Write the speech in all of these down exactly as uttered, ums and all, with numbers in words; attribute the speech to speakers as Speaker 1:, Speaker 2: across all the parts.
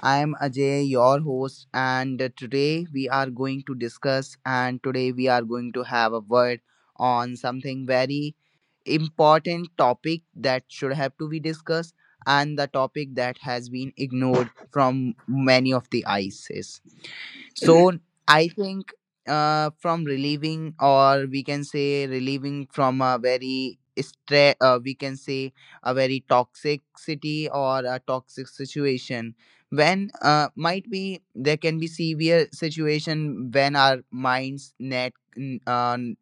Speaker 1: I am Ajay, your host, and today we are going to discuss and today we are going to have a word on something very important topic that should have to be discussed, and the topic that has been ignored from many of the I C E S. So I think, uh, from relieving, or we can say relieving from a very stress, uh, we can say a very toxic city or a toxic situation. When uh, might be there can be severe situation when our minds net n- uh, n-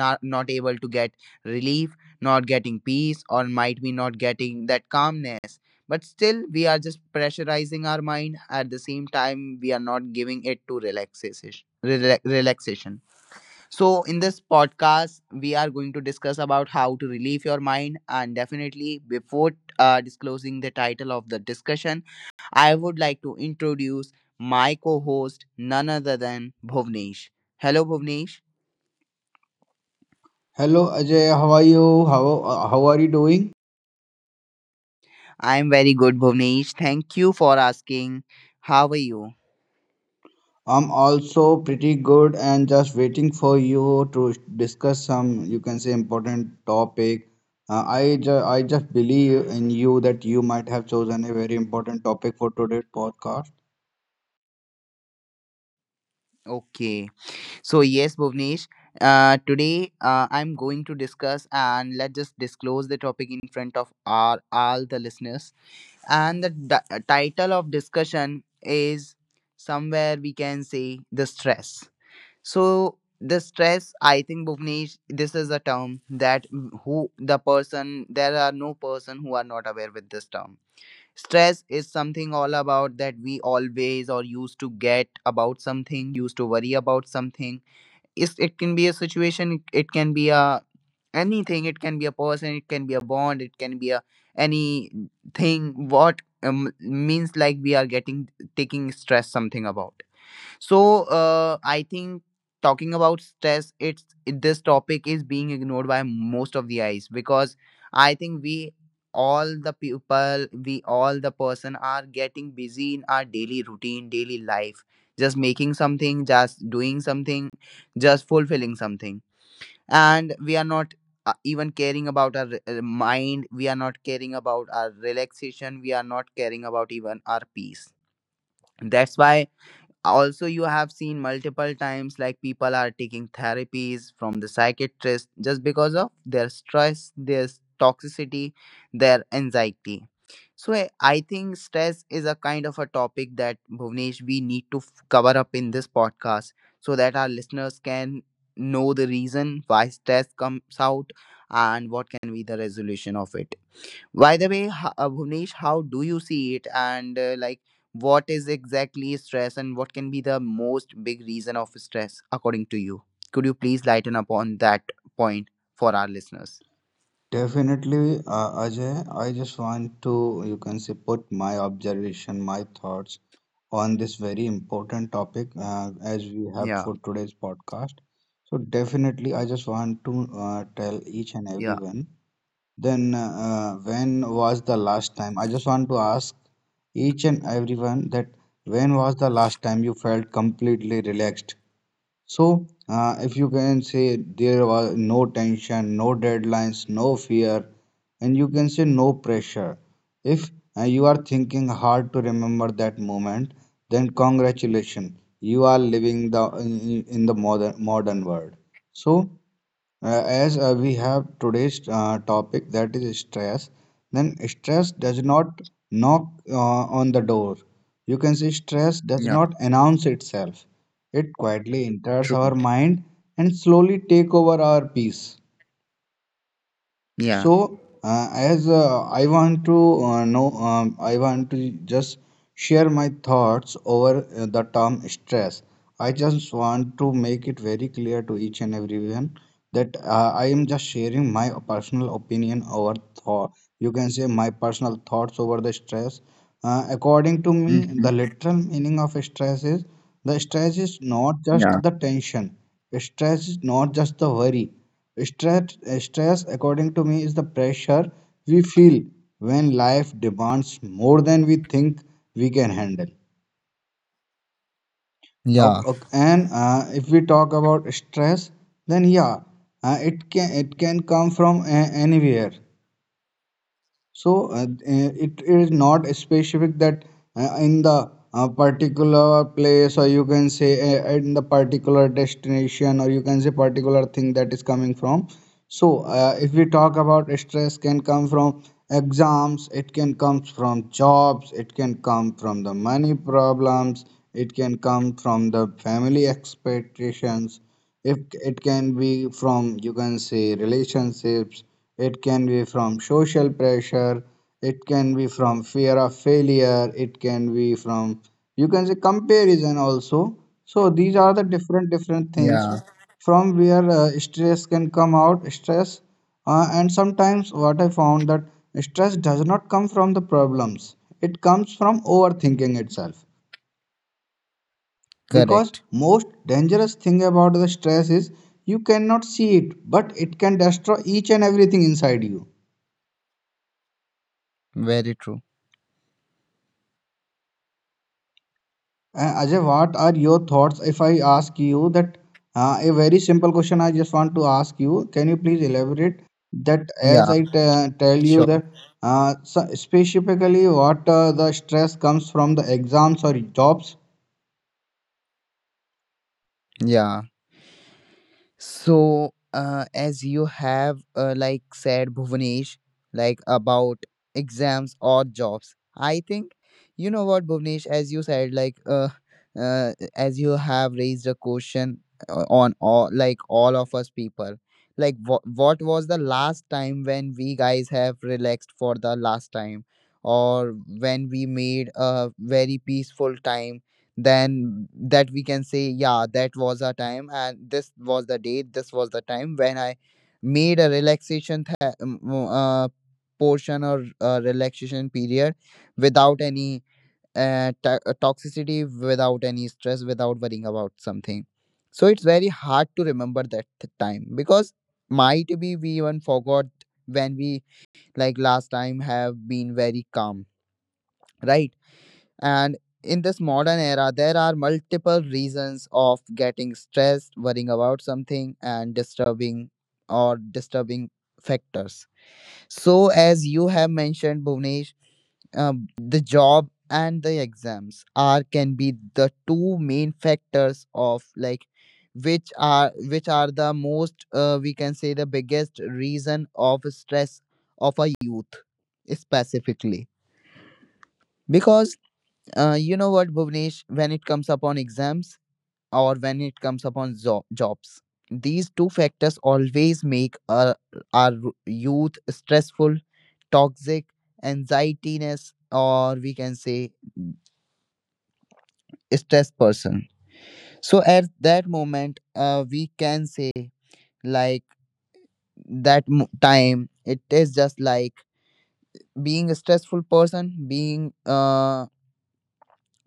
Speaker 1: not not able to get relief, not getting peace, or might be not getting that calmness, but still, we are just pressurizing our mind. At the same time, we are not giving it to relaxation. rela- Relaxation. So, in this podcast, we are going to discuss about how to relieve your mind. And definitely, before uh, disclosing the title of the discussion, I would like to introduce my co-host, none other than Bhuvnesh. Hello, Bhuvnesh.
Speaker 2: Hello Ajay, how are you? How uh, how are you doing?
Speaker 1: I am very good, Bhuvnesh. Thank you for asking. How are you?
Speaker 2: I'm also pretty good and just waiting for you to discuss some, you can say, important topic. Uh, I ju- I just believe in you that you might have chosen a very important topic for today's podcast.
Speaker 1: Okay. So yes, Bhuvnesh, uh, today uh, I'm going to discuss and let's just disclose the topic in front of our all the listeners. And the di- uh, title of discussion is somewhere we can say the stress. So the stress, I think Bhuvnesh, this is a term that who the person there are no person who are not aware with this term. Stress is something all about that we always or used to get about something, used to worry about something. Is it can be a situation, it, it can be a anything, it can be a person, it can be a bond, it can be a anything what, um, means like we are getting taking stress something about. So uh, I think talking about stress, it's it, this topic is being ignored by most of the eyes because I think we all the people, we all the person are getting busy in our daily routine, daily life, just making something, just doing something, just fulfilling something, and we are not. Uh, even caring about our uh, mind, we are not caring about our relaxation, we are not caring about even our peace. That's why also you have seen multiple times like people are taking therapies from the psychiatrist just because of their stress, their s- toxicity, their anxiety. So i I think stress is a kind of a topic that, Bhuvnesh, we need to f- cover up in this podcast so that our listeners can know the reason why stress comes out and what can be the resolution of it. By the way, ho- uh, Bhuvnesh, how do you see it? And uh, like, what is exactly stress and what can be the most big reason of stress according to you? Could you please lighten up on that point for our listeners?
Speaker 2: Definitely, uh, Ajay. I just want to, you can say, put my observation, my thoughts on this very important topic uh, as we have
Speaker 1: Yeah,
Speaker 2: for today's podcast. So, definitely, I just want to uh, tell each and
Speaker 1: yeah,
Speaker 2: everyone. Then, uh, when was the last time? I just want to ask each and everyone that when was the last time you felt completely relaxed? So, uh, if you can say there was no tension, no deadlines, no fear, and you can say no pressure. If uh, you are thinking hard to remember that moment, then congratulations, you are living the in, in the modern modern world. So, uh, as uh, we have today's uh, topic, that is stress, then stress does not knock uh, on the door. You can see stress does
Speaker 1: yeah,
Speaker 2: not announce itself. It quietly enters
Speaker 1: true.
Speaker 2: our mind and slowly take over our peace.
Speaker 1: Yeah.
Speaker 2: So, uh, as uh, I want to uh, know, um, I want to just share my thoughts over uh, the term stress. I just want to make it very clear to each and everyone that uh, I am just sharing my personal opinion over thought. You can say my personal thoughts over the stress. Uh, according to me, the
Speaker 1: Hmm.
Speaker 2: literal meaning of stress is the stress is not
Speaker 1: Yeah,
Speaker 2: just the tension. Stress is not just the worry. Stress, uh, stress, according to me, is the pressure we feel when life demands more than we think we can handle.
Speaker 1: yeah,
Speaker 2: Ok- ok- And uh, if we talk about stress, then yeah, uh, it can it can come from a- anywhere. So uh, eh, it is not specific that uh, in the uh, particular place, or you can say uh, in the particular destination, or you can say particular thing that is coming from. So uh, if we talk about stress, can come from exams, it can come from jobs, it can come from the money problems, it can come from the family expectations, if it can be from, you can say, relationships, it can be from social pressure, it can be from fear of failure, it can be from, you can say, comparison also. So these are the different, different things
Speaker 1: yeah,
Speaker 2: from where uh, stress can come out, stress. Uh, and sometimes what I found that stress does not come from the problems, it comes from overthinking itself, because
Speaker 1: correct.
Speaker 2: most dangerous thing about the stress is you cannot see it, but it can destroy each and everything inside you.
Speaker 1: Very true.
Speaker 2: Uh, ajay, what are your thoughts? If I ask you that uh, a very simple question, I just want to ask you, can you please elaborate that? As
Speaker 1: Yeah,
Speaker 2: I t- tell you
Speaker 1: sure.
Speaker 2: that, uh, so specifically what uh, the stress comes from, the exams or jobs?
Speaker 1: Yeah. So, uh, as you have uh, like said, Bhuvnesh, like about exams or jobs, I think you know what, Bhuvnesh, as you said, like uh, uh, as you have raised a question uh, on all, like all of us people, like what what was the last time when we guys have relaxed for the last time, or when we made a very peaceful time then that we can say yeah that was a time and this was the date this was the time when I made a relaxation th- uh, portion or uh, relaxation period without any uh, to- uh, toxicity, without any stress, without worrying about something. So it's very hard to remember that th- time, because might be we even forgot when we like last time have been very calm, right? And in this modern era, there are multiple reasons of getting stressed, worrying about something, and disturbing or disturbing factors. So, as you have mentioned, Bhuvnesh, um, the job and the exams are can be the two main factors of like which are which are the most uh, we can say the biggest reason of stress of a youth specifically, because uh, you know what, Bhuvnesh, when it comes upon exams or when it comes upon zo- jobs, these two factors always make our, our youth stressful, toxic, anxietiness, or we can say stress person. So at that moment, uh, we can say like that mo- time, it is just like being a stressful person, being uh,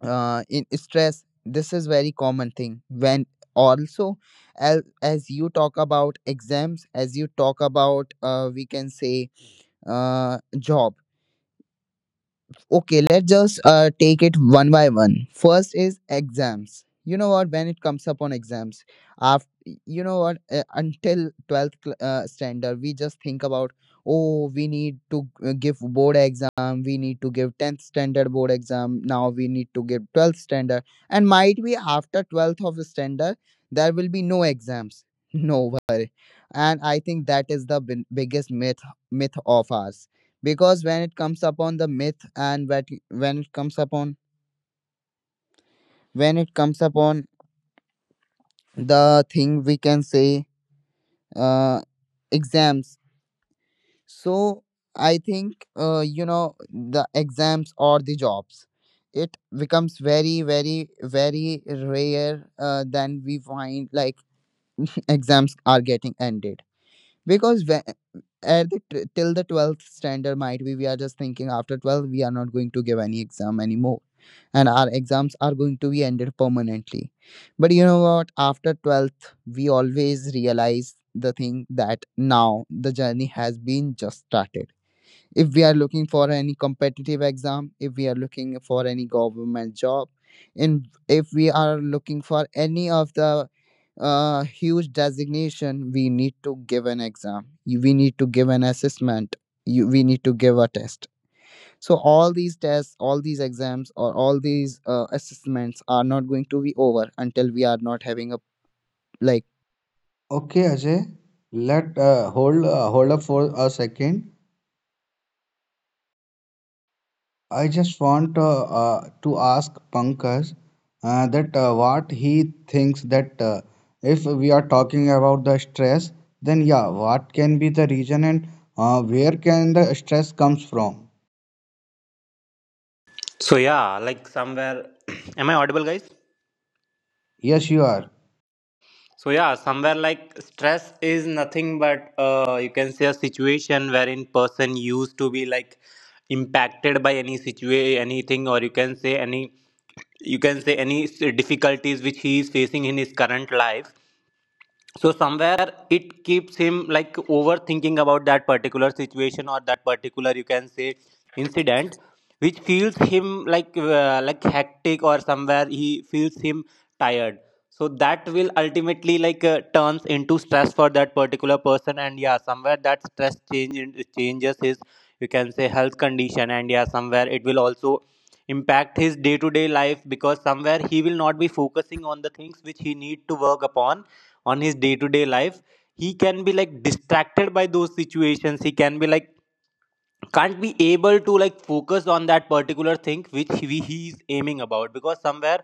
Speaker 1: uh, in stress. This is very common thing when also as, as you talk about exams, as you talk about uh, we can say uh, job. Okay, let's just uh, take it one by one. First is exams. You know what? When it comes upon exams, after you know what, uh, until twelfth cl- uh, standard, we just think about oh, we need to uh, give board exam, we need to give tenth standard board exam. Now we need to give twelfth standard, and might be after twelfth of standard there will be no exams. No worry, and I think that is the bin- biggest myth myth of ours. Because when it comes upon the myth and when it when it comes upon when it comes upon the thing we can say uh, exams. So I think uh, you know, the exams or the jobs, it becomes very very very rare uh, than we find like exams are getting ended, because when, at the t- till the twelfth standard might be we are just thinking after twelve we are not going to give any exam anymore and our exams are going to be ended permanently. But you know what? After twelfth, we always realize the thing that now the journey has been just started. If we are looking for any competitive exam, if we are looking for any government job, in if we are looking for any of the uh, huge designation, we need to give an exam. You- We need to give an assessment. You, we need to give a test. So all these tests, all these exams, or all these uh, assessments are not going to be over until we are not having a like.
Speaker 2: Okay, Ajay, let uh, hold uh, hold up for a second. I just want uh, uh, to ask Pankaj uh, that uh, what he thinks, that uh, if we are talking about the stress, then yeah, what can be the reason, and uh, where can the stress comes from?
Speaker 3: So yeah, like somewhere, am I audible, guys?
Speaker 2: Yes, you are.
Speaker 3: So yeah, somewhere like stress is nothing but uh, you can say a situation wherein person used to be like impacted by any situation, anything, or you can say any you can say any s- difficulties which he is facing in his current life. So somewhere it keeps him like overthinking about that particular situation, or that particular you can say incident which feels him like uh, like hectic, or somewhere he feels him tired. So that will ultimately like uh, turns into stress for that particular person. And yeah, somewhere that stress change changes his you can say health condition. And yeah, somewhere it will also impact his day to day life, because somewhere he will not be focusing on the things which he need to work upon on his day to day life. He can be like distracted by those situations, he can be like can't be able to like focus on that particular thing which he, he is aiming about, because somewhere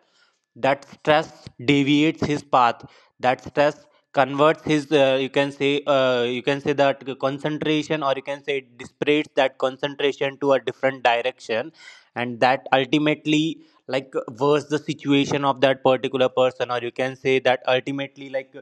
Speaker 3: that stress deviates his path. That stress converts his uh, you can say uh, you can say that concentration, or you can say it dissipates that concentration to a different direction. And that ultimately like worse the situation of that particular person, or you can say that ultimately like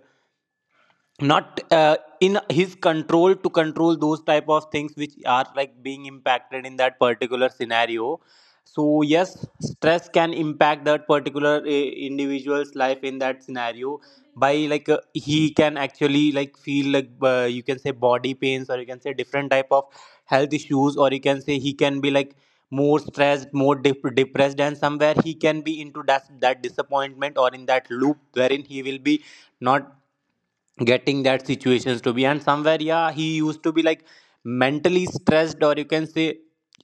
Speaker 3: not uh, in his control to control those type of things which are like being impacted in that particular scenario. So yes, stress can impact that particular uh, individual's life in that scenario by like uh, he can actually like feel like uh, you can say body pains, or you can say different type of health issues, or you can say he can be like more stressed, more dep- depressed. And somewhere he can be into that that disappointment, or in that loop wherein he will be not getting that situations to be. And somewhere yeah, he used to be like mentally stressed, or you can say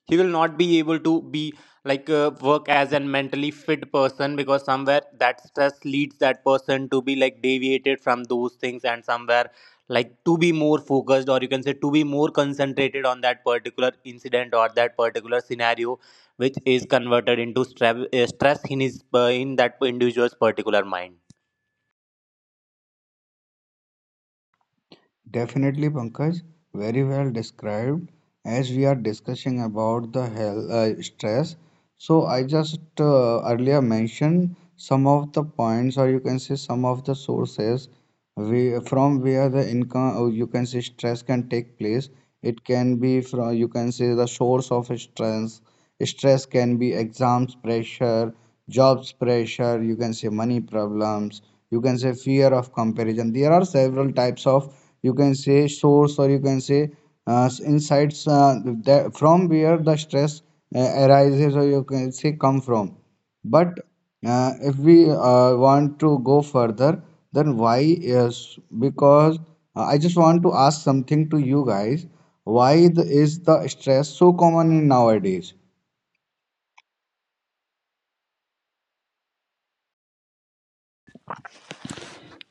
Speaker 3: he will not be able to be like uh, work as a mentally fit person, because somewhere that stress leads that person to be like deviated from those things. And somewhere like to be more focused, or you can say to be more concentrated on that particular incident or that particular scenario which is converted into stress, uh, stress in his uh, in that individual's particular mind.
Speaker 2: Definitely, Pankaj, very well described. As we are discussing about the health uh, stress, so I just uh, earlier mentioned some of the points, or you can say some of the sources we, from where the income, or you can say stress can take place. It can be from, you can say, the source of stress. Stress can be exams pressure, jobs pressure, you can say money problems, you can say fear of comparison. There are several types of, you can say, source, or you can say uh, insights uh, that, from where the stress uh, arises, or you can say come from. But uh, if we uh, want to go further, then why is because uh, I just want to ask something to you guys, why the, is the stress so common in nowadays?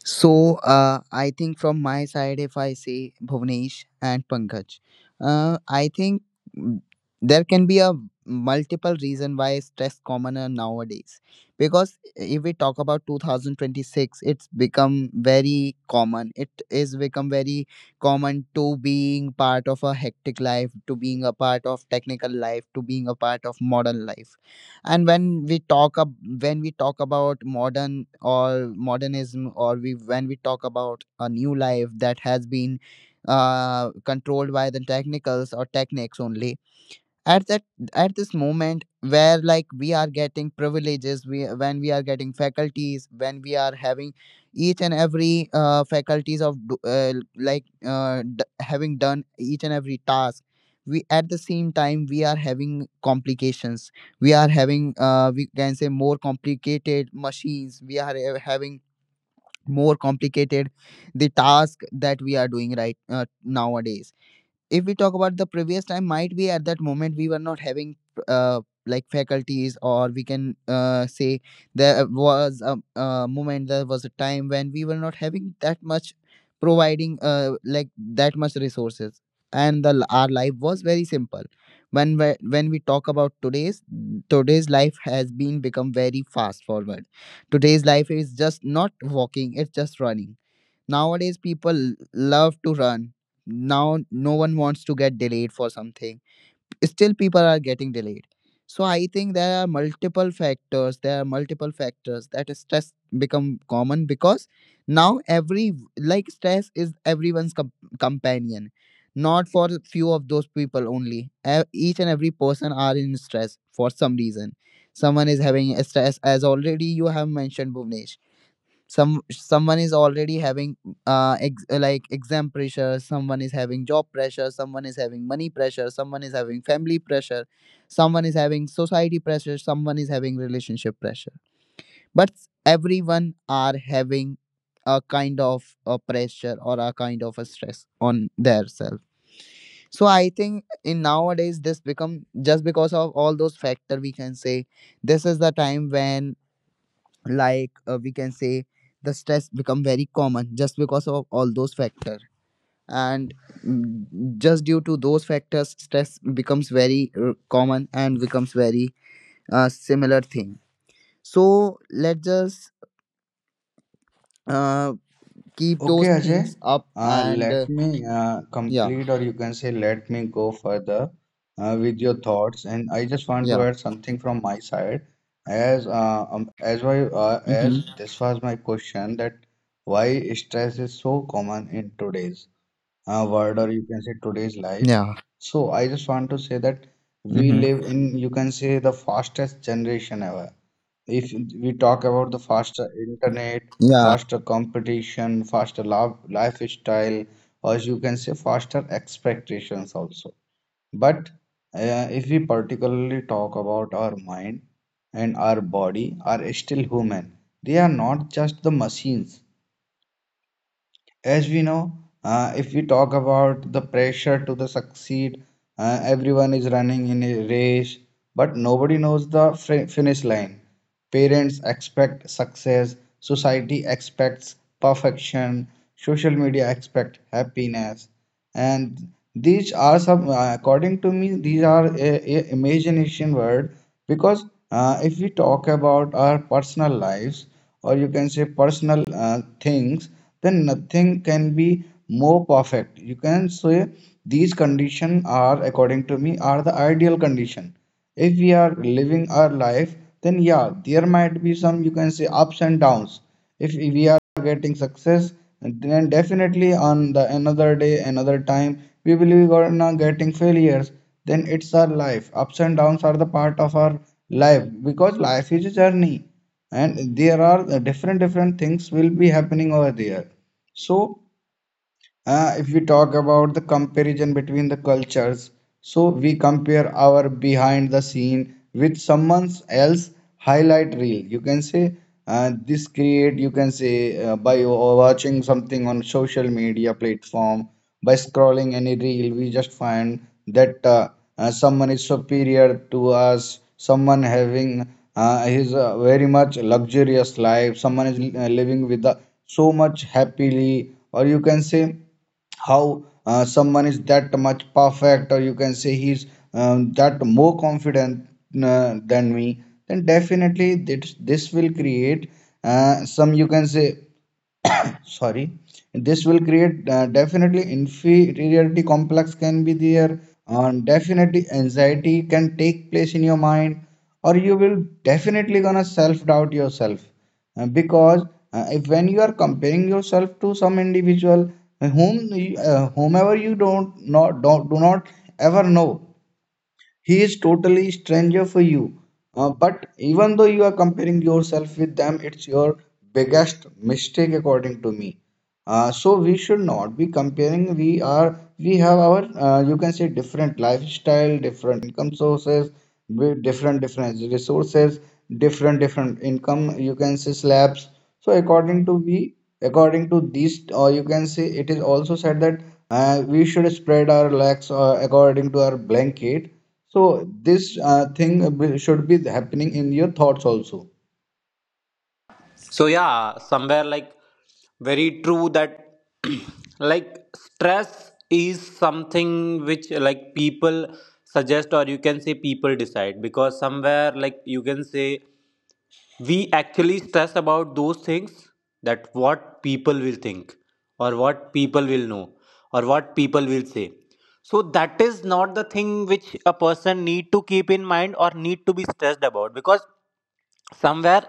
Speaker 1: So uh, I think from my side, if I say, Bhuvnesh and Pankaj, uh, I think, mm, there can be a multiple reason why stress commoner nowadays. Because if we talk about twenty twenty-six, it's become very common. It is become very common to being part of a hectic life, to being a part of technical life, to being a part of modern life. And when we talk ab- when we talk about modern or modernism or we when we talk about a new life that has been uh, controlled by the technicals or techniques. Only at that at this moment where like we are getting privileges, we when we are getting faculties, when we are having each and every uh, faculties of do- uh, like uh, d- having done each and every task, we at the same time we are having complications, we are having uh, we can say more complicated machines, we are uh, having more complicated the task that we are doing, right? Uh, nowadays, if we talk about the previous time, might be at that moment we were not having uh, like faculties or we can uh, say there was a, a moment, there was a time when we were not having that much providing uh, like that much resources, and the our life was very simple. When we, when we talk about today's, today's life has been become very fast forward. Today's life is just not walking, it's just running. Nowadays, people love to run. Now, no one wants to get delayed for something. Still, people are getting delayed. So, I think there are multiple factors. There are multiple factors that stress become common, because now every like stress is everyone's com- companion, not for a few of those people only. E- Each and every person are in stress for some reason. Someone is having a stress, as already you have mentioned, Bhuvnesh. Some someone is already having uh ex- like exam pressure, someone is having job pressure, someone is having money pressure, someone is having family pressure, someone is having society pressure, someone is having relationship pressure, but everyone are having a kind of a pressure or a kind of a stress on their self. So I think in nowadays this become just because of all those factor, we can say this is the time when like uh, we can say the stress become very common just because of all those factors. And mm, just due to those factors stress becomes very uh, common and becomes very uh, similar thing. So let's just uh, keep
Speaker 2: Okay,
Speaker 1: those
Speaker 2: Ajay.
Speaker 1: things up
Speaker 2: Uh,
Speaker 1: and
Speaker 2: let
Speaker 1: uh,
Speaker 2: me uh,
Speaker 1: yeah,
Speaker 2: complete, or you can say, let me go further uh, with your thoughts. And I just want to
Speaker 1: yeah,
Speaker 2: add something from my side, as uh, um, as why uh,
Speaker 1: hmm,
Speaker 2: as this was my question, that why stress is so common in today's uh, world, or you can say today's life.
Speaker 1: yeah,
Speaker 2: So I just want to say that we
Speaker 1: hmm,
Speaker 2: live in, you can say, the fastest generation ever. If we talk about the faster internet,
Speaker 1: yeah.
Speaker 2: faster competition, faster love, lifestyle, or you can say faster expectations also. But uh, if we particularly talk about our mind and our body, are still human, they are not just the machines. As we know, uh, if we talk about the pressure to the succeed, uh, everyone is running in a race, but nobody knows the fri- finish line. Parents expect success, society expects perfection, social media expect happiness, and these are some, uh, according to me, these are a, a imagination word, because uh, if we talk about our personal lives, or you can say personal uh, things, then nothing can be more perfect. You can say these conditions are, according to me, are the ideal condition. If we are living our life, then yeah, there might be some, you can say, ups and downs. If we are getting success, then definitely on the another day, another time, we will be gonna getting failures. Then, it's our life. Ups and downs are the part of our life, because life is a journey, and there are different different things will be happening over there. So uh, if we talk about the comparison between the cultures, so we compare our behind the scene with someone else highlight reel. You can say uh, this create, you can say uh, by watching something on social media platform, by scrolling any reel, we just find that uh, uh, someone is superior to us, someone having uh, his uh, very much luxurious life, someone is uh, living with the, so much happily, or you can say how uh, someone is that much perfect, or you can say he's um, that more confident uh, than me. Then definitely this, this will create uh, some, you can say sorry, this will create uh, definitely inferiority complex can be there, and definitely anxiety can take place in your mind, or you will definitely gonna self doubt yourself. Uh, because uh, if when you are comparing yourself to some individual, whom you- uh, whomever you don't not don't do not ever know, he is totally stranger for you. Uh, but even though you are comparing yourself with them, it's your biggest mistake according to me. Uh, so we should not be comparing. We are we have our uh, you can say different lifestyle, different income sources, with different different resources, different different income. You can say slabs. So according to we according to these, or you can say it is also said that uh, we should spread our legs uh, according to our blanket. So this uh, thing uh, should be happening in your thoughts also.
Speaker 3: So yeah, somewhere like very true that, like stress is something which like people suggest, or you can say people decide, because somewhere like you can say we actually stress about those things, that what people will think, or what people will know, or what people will say. So that is not the thing which a person need to keep in mind, or need to be stressed about, because somewhere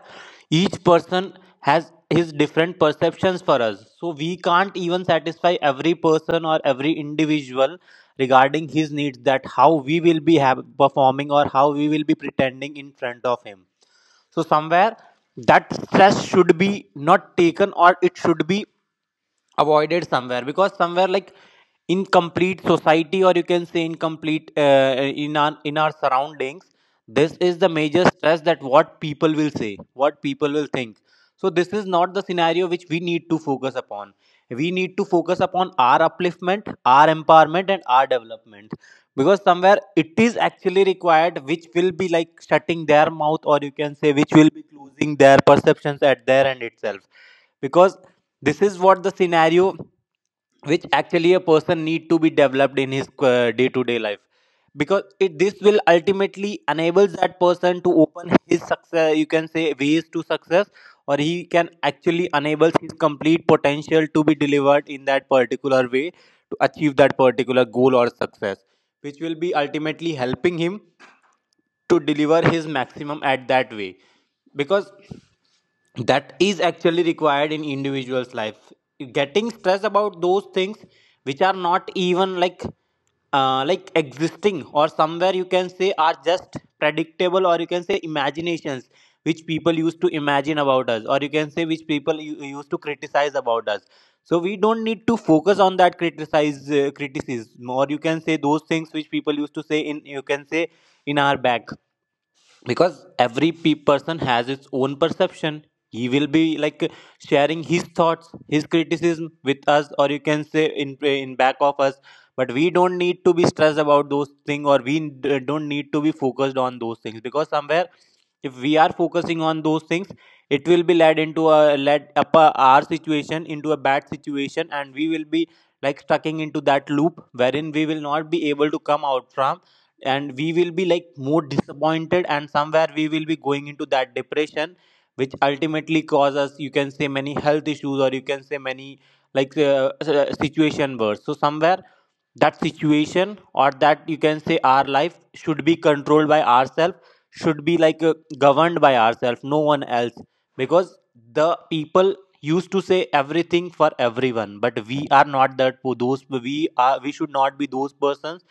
Speaker 3: each person has his different perceptions for us. So we can't even satisfy every person or every individual regarding his needs, that how we will be have, performing, or how we will be pretending in front of him. So somewhere that stress should be not taken, or it should be avoided somewhere, because somewhere like incomplete society, or you can say incomplete uh, in our in our surroundings, this is the major stress: that what people will say, what people will think. So this is not the scenario which we need to focus upon. We need to focus upon our upliftment, our empowerment, and our development, because somewhere it is actually required, which will be like shutting their mouth, or you can say which will be closing their perceptions at their end itself, because this is what the scenario which actually a person need to be developed in his day to day life. Because it, this will ultimately enables that person to open his success, you can say ways to success, or he can actually enables his complete potential to be delivered in that particular way to achieve that particular goal or success, which will be ultimately helping him to deliver his maximum at that way, because that is actually required in individuals life. Getting stressed about those things which are not even like uh, like existing, or somewhere you can say are just predictable, or you can say imaginations which people used to imagine about us, or you can say which people u- used to criticize about us. So we don't need to focus on that criticize uh, criticism, or you can say those things which people used to say in, you can say in our back, because every pe- person has its own perception. He will be like sharing his thoughts, his criticism with us, or you can say in in back of us. But we don't need to be stressed about those things, or we d- don't need to be focused on those things, because somewhere if we are focusing on those things, it will be led into a led up a, our situation into a bad situation, and we will be like stucking into that loop wherein we will not be able to come out from, and we will be like more disappointed. And somewhere we will be going into that depression, which ultimately causes you can say many health issues, or you can say many like uh, uh, situation worse. So somewhere that situation, or that you can say our life should be controlled by ourselves, should be like uh, governed by ourselves, no one else, because the people used to say everything for everyone. But we are not that po- those we are we should not be those persons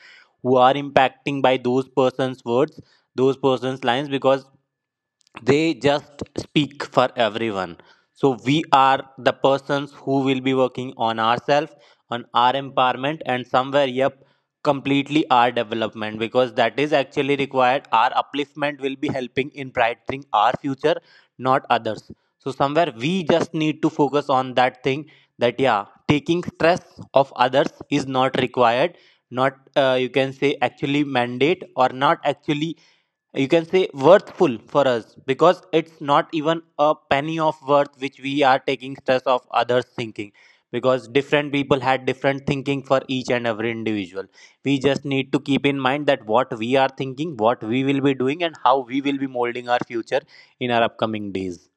Speaker 3: who are impacting by those persons words, those persons lines, because they just speak for everyone. So we are the persons who will be working on ourselves, on our empowerment, and somewhere yep, completely our development, because that is actually required. Our upliftment will be helping in brightening our future, not others. So somewhere we just need to focus on that thing, that yeah, taking stress of others is not required, not uh, you can say actually mandate, or not actually you can say worthful for us, because it's not even a penny of worth which we are taking stress of others thinking, because different people had different thinking for each and every individual. We just need to keep in mind that what we are thinking, what we will be doing, and how we will be molding our future in our upcoming days.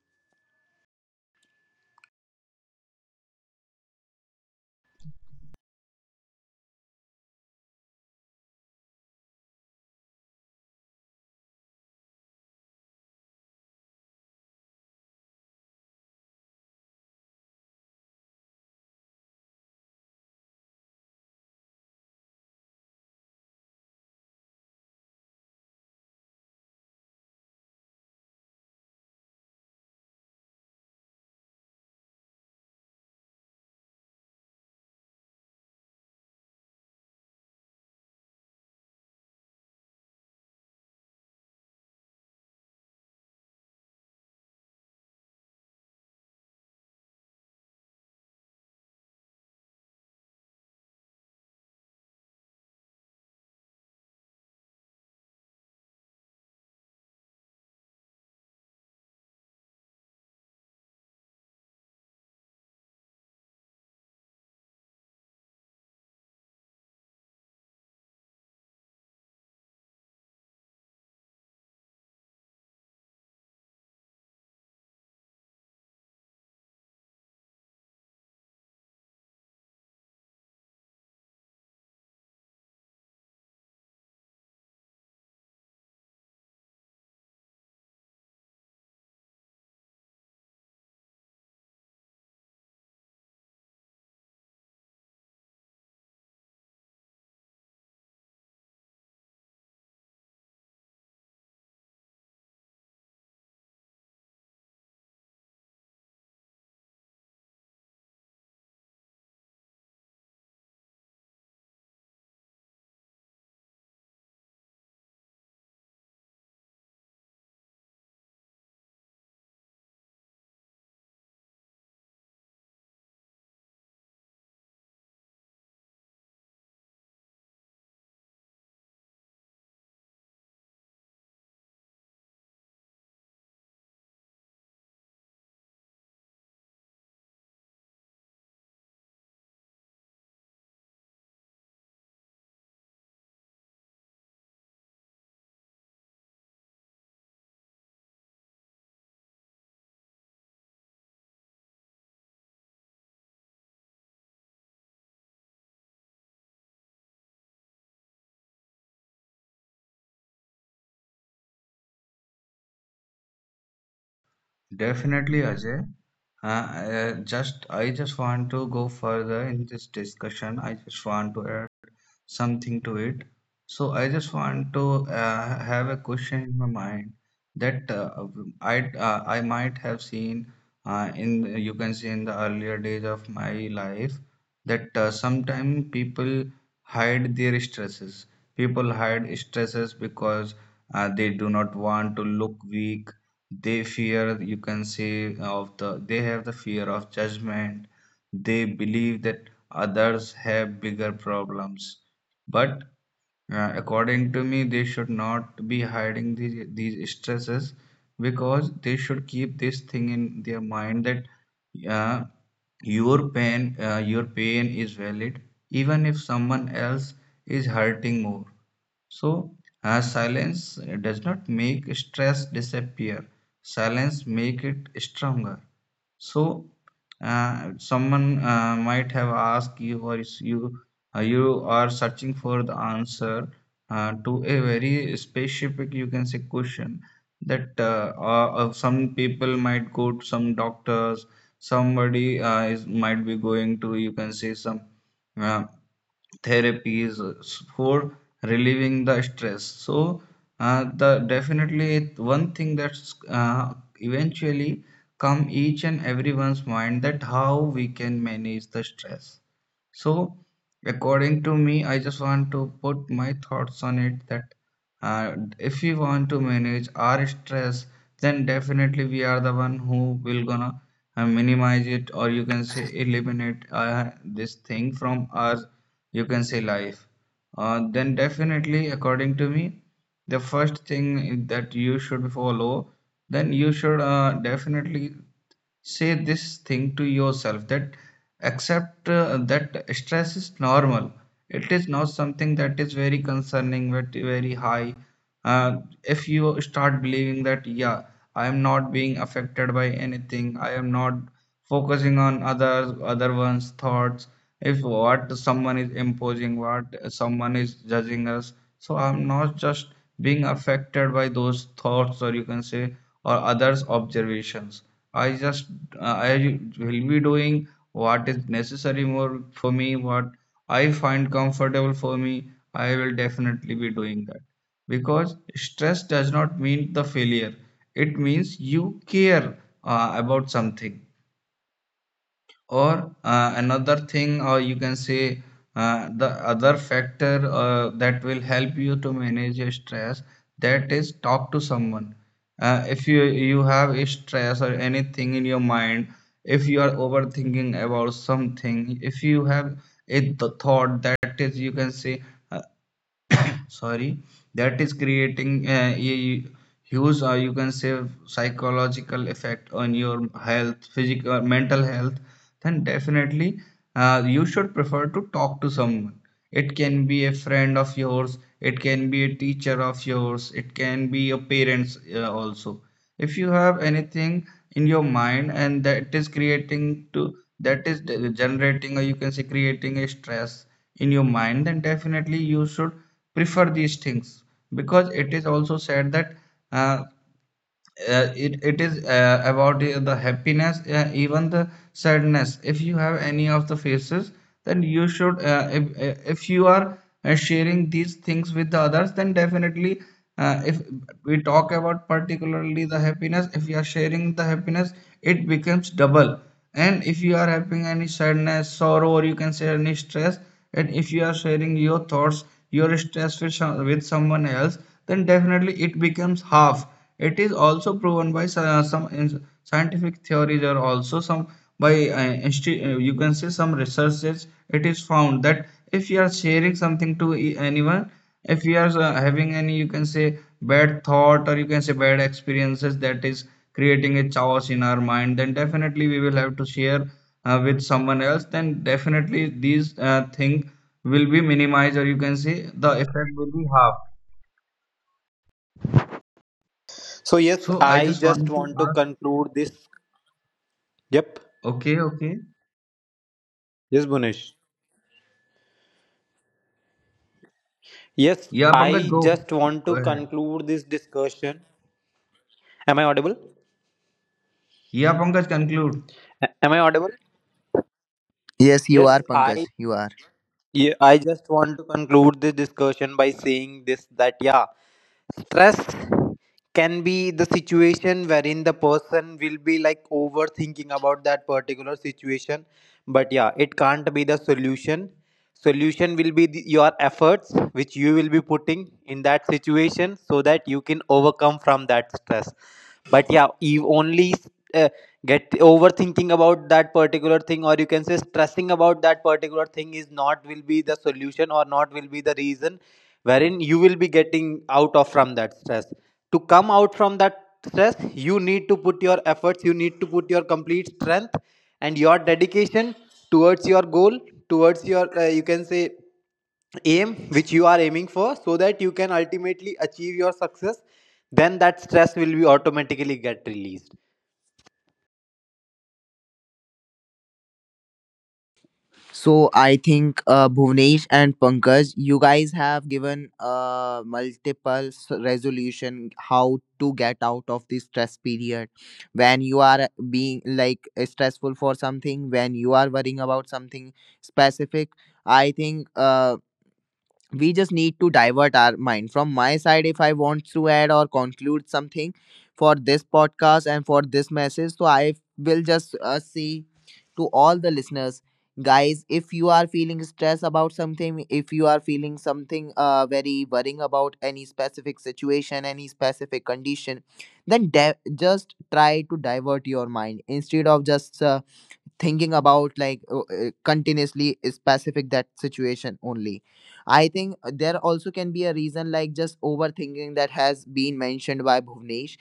Speaker 2: Definitely, Ajay. Uh, uh, just I just want to go further in this discussion. I just want to add something to it. So I just want to uh, have a question in my mind, that uh, I uh, I might have seen uh, in, you can see in the earlier days of my life, that uh, sometimes people hide their stresses. People hide stresses because uh, they do not want to look weak. They fear, you can say of the they have the fear of judgment. They believe that others have bigger problems. But uh, according to me, they should not be hiding these, these stresses, because they should keep this thing in their mind, that uh, your pain, uh, your pain is valid even if someone else is hurting more. So, as silence does not make stress disappear, silence make it stronger. So, uh, someone uh, might have asked you, or is you, uh, you are searching for the answer uh, to a very specific, you can say, question, that uh, uh, uh, some people might go to some doctors, somebody uh, is might be going to, you can say, some. Uh, therapies for relieving the stress. So uh, the definitely one thing that's uh, eventually come each and everyone's mind, that how we can manage the stress. So, according to me, I just want to put my thoughts on it, that uh, if we want to manage our stress, then definitely we are the one who will gonna uh, minimize it, or you can say eliminate uh, this thing from our, you can say, life. Uh, then definitely, according to me, the first thing that you should follow, then you should uh, definitely say this thing to yourself, that accept uh, that stress is normal. It is not something that is very concerning but very high. Uh, if you start believing that yeah, I am not being affected by anything, I am not focusing on others other one's thoughts, if what someone is imposing, what someone is judging us, so I'm not just being affected by those thoughts, or you can say or others observations. I just uh, i will be doing what is necessary more for me, what I find comfortable for me, I will definitely be doing that. Because stress does not mean the failure, it means you care uh, about something. Or uh, another thing, or you can say uh, the other factor uh, that will help you to manage your stress, that is talk to someone. Uh, if you you have a stress or anything in your mind, if you are overthinking about something, if you have a th- thought that is, you can say uh, sorry, that is creating uh, a huge, or you can say psychological effect on your health, physical mental health, then definitely uh, you should prefer to talk to someone. It can be a friend of yours, it can be a teacher of yours, it can be your parents uh, also. If you have anything in your mind, and that is creating to that is de- generating, or you can say creating a stress in your mind, then definitely you should prefer these things. Because it is also said that uh, uh, it, it is uh, about the, the happiness, uh, even the sadness. If you have any of the faces, then you should uh, if, uh, if you are uh, sharing these things with the others, then definitely uh, if we talk about particularly the happiness, if you are sharing the happiness, it becomes double. And if you are having any sadness, sorrow, or you can say any stress, and if you are sharing your thoughts, your stress with, some- with someone else, then definitely it becomes half. It is also proven by uh, some in- scientific theories, or also some by uh, insti- uh, you can say some researches. It is found that if you are sharing something to e- anyone, if you are uh, having any, you can say, bad thought, or you can say bad experiences that is creating a chaos in our mind, then definitely we will have to share uh, with someone else. Then definitely these uh, thing will be minimized, or you can say the effect will be half.
Speaker 3: So yes,
Speaker 2: So I
Speaker 3: I
Speaker 2: just
Speaker 3: just
Speaker 2: want to
Speaker 3: want to
Speaker 2: ask.
Speaker 3: conclude this. Yep.
Speaker 2: Okay, okay.
Speaker 3: Yes, Bunesh. Yes,
Speaker 2: Yeah,
Speaker 3: I
Speaker 2: Pankaj, go.
Speaker 3: just want
Speaker 2: Go
Speaker 3: to
Speaker 2: ahead.
Speaker 3: conclude this discussion. Am I audible?
Speaker 2: Yeah, Pankaj, conclude.
Speaker 3: A- Am I audible?
Speaker 1: Yes, you
Speaker 3: Yes,
Speaker 1: are, Pankaj.
Speaker 3: I
Speaker 1: You are.
Speaker 3: Yeah, I just want to conclude this discussion by saying this, that yeah, stress can be the situation wherein the person will be like overthinking about that particular situation. But yeah, it can't be the solution solution will be the, your efforts which you will be putting in that situation, so that you can overcome from that stress. But yeah, you only uh, get overthinking about that particular thing, or you can say stressing about that particular thing is not will be the solution, or not will be the reason wherein you will be getting out of from that stress. To come out from that stress, you need to put your efforts, you need to put your complete strength and your dedication towards your goal, towards your uh, you can say aim which you are aiming for, so that you can ultimately achieve your success. Then that stress will be automatically get released.
Speaker 1: So I think, uh, Bhuvnesh and Pankaj, you guys have given uh, multiple s- resolution how to get out of this stress period. When you are being like stressful for something, when you are worrying about something specific, I think uh, we just need to divert our mind. From my side, if I want to add or conclude something for this podcast and for this message, so I will just uh, see to all the listeners, guys, if you are feeling stress about something, if you are feeling something uh, very worrying about any specific situation, any specific condition, then de- just try to divert your mind instead of just uh, thinking about like uh, uh, continuously specific that situation only. I think uh, there also can be a reason like just overthinking, that has been mentioned by Bhuvnesh.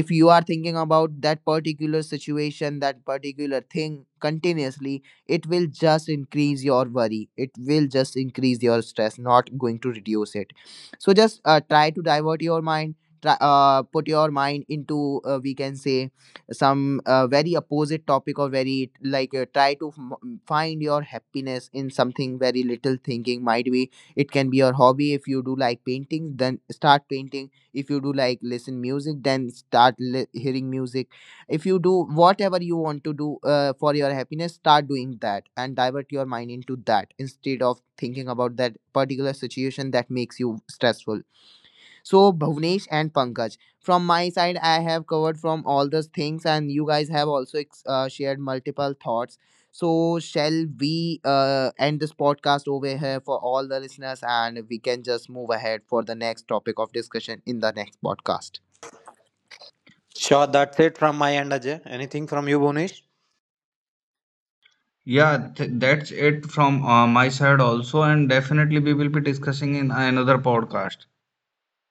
Speaker 1: If you are thinking about that particular situation, that particular thing continuously, it will just increase your worry, it will just increase your stress, not going to reduce it. So just uh, try to divert your mind, try, uh, put your mind into uh, we can say some uh, very opposite topic, or very like uh, try to m- find your happiness in something very little thinking. Might be it can be your hobby. If you do like painting, then start painting. If you do like listen music, then start li- hearing music. If you do whatever you want to do uh, for your happiness, start doing that and divert your mind into that instead of thinking about that particular situation that makes you stressful. So Bhuvnesh and Pankaj, from my side, I have covered from all those things, and you guys have also ex- uh, shared multiple thoughts. So shall we uh, end this podcast over here for all the listeners, and we can just move ahead for the next topic of discussion in the next podcast.
Speaker 3: Sure, that's it from my end, Ajay. Anything from you, Bonish?
Speaker 2: Yeah, th that's it from uh, my side also, and definitely we will be discussing in uh, another podcast.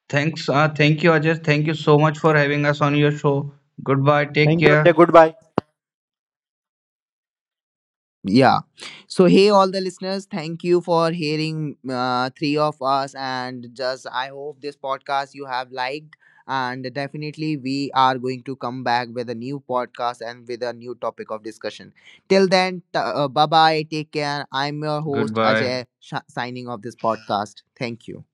Speaker 2: Thanks, uh, thank you, Ajay. Thank you so much for having us on your show. Goodbye, take
Speaker 3: Thank you, Ajay.
Speaker 2: care.
Speaker 3: Goodbye.
Speaker 1: Yeah. So, hey, all the listeners, thank you for hearing uh, three of us. And just, I hope this podcast you have liked. And definitely, we are going to come back with a new podcast and with a new topic of discussion. Till then, t- uh, bye bye. Take care. I'm your host,
Speaker 2: Goodbye.
Speaker 1: Ajay, sh- signing off this podcast. Thank you.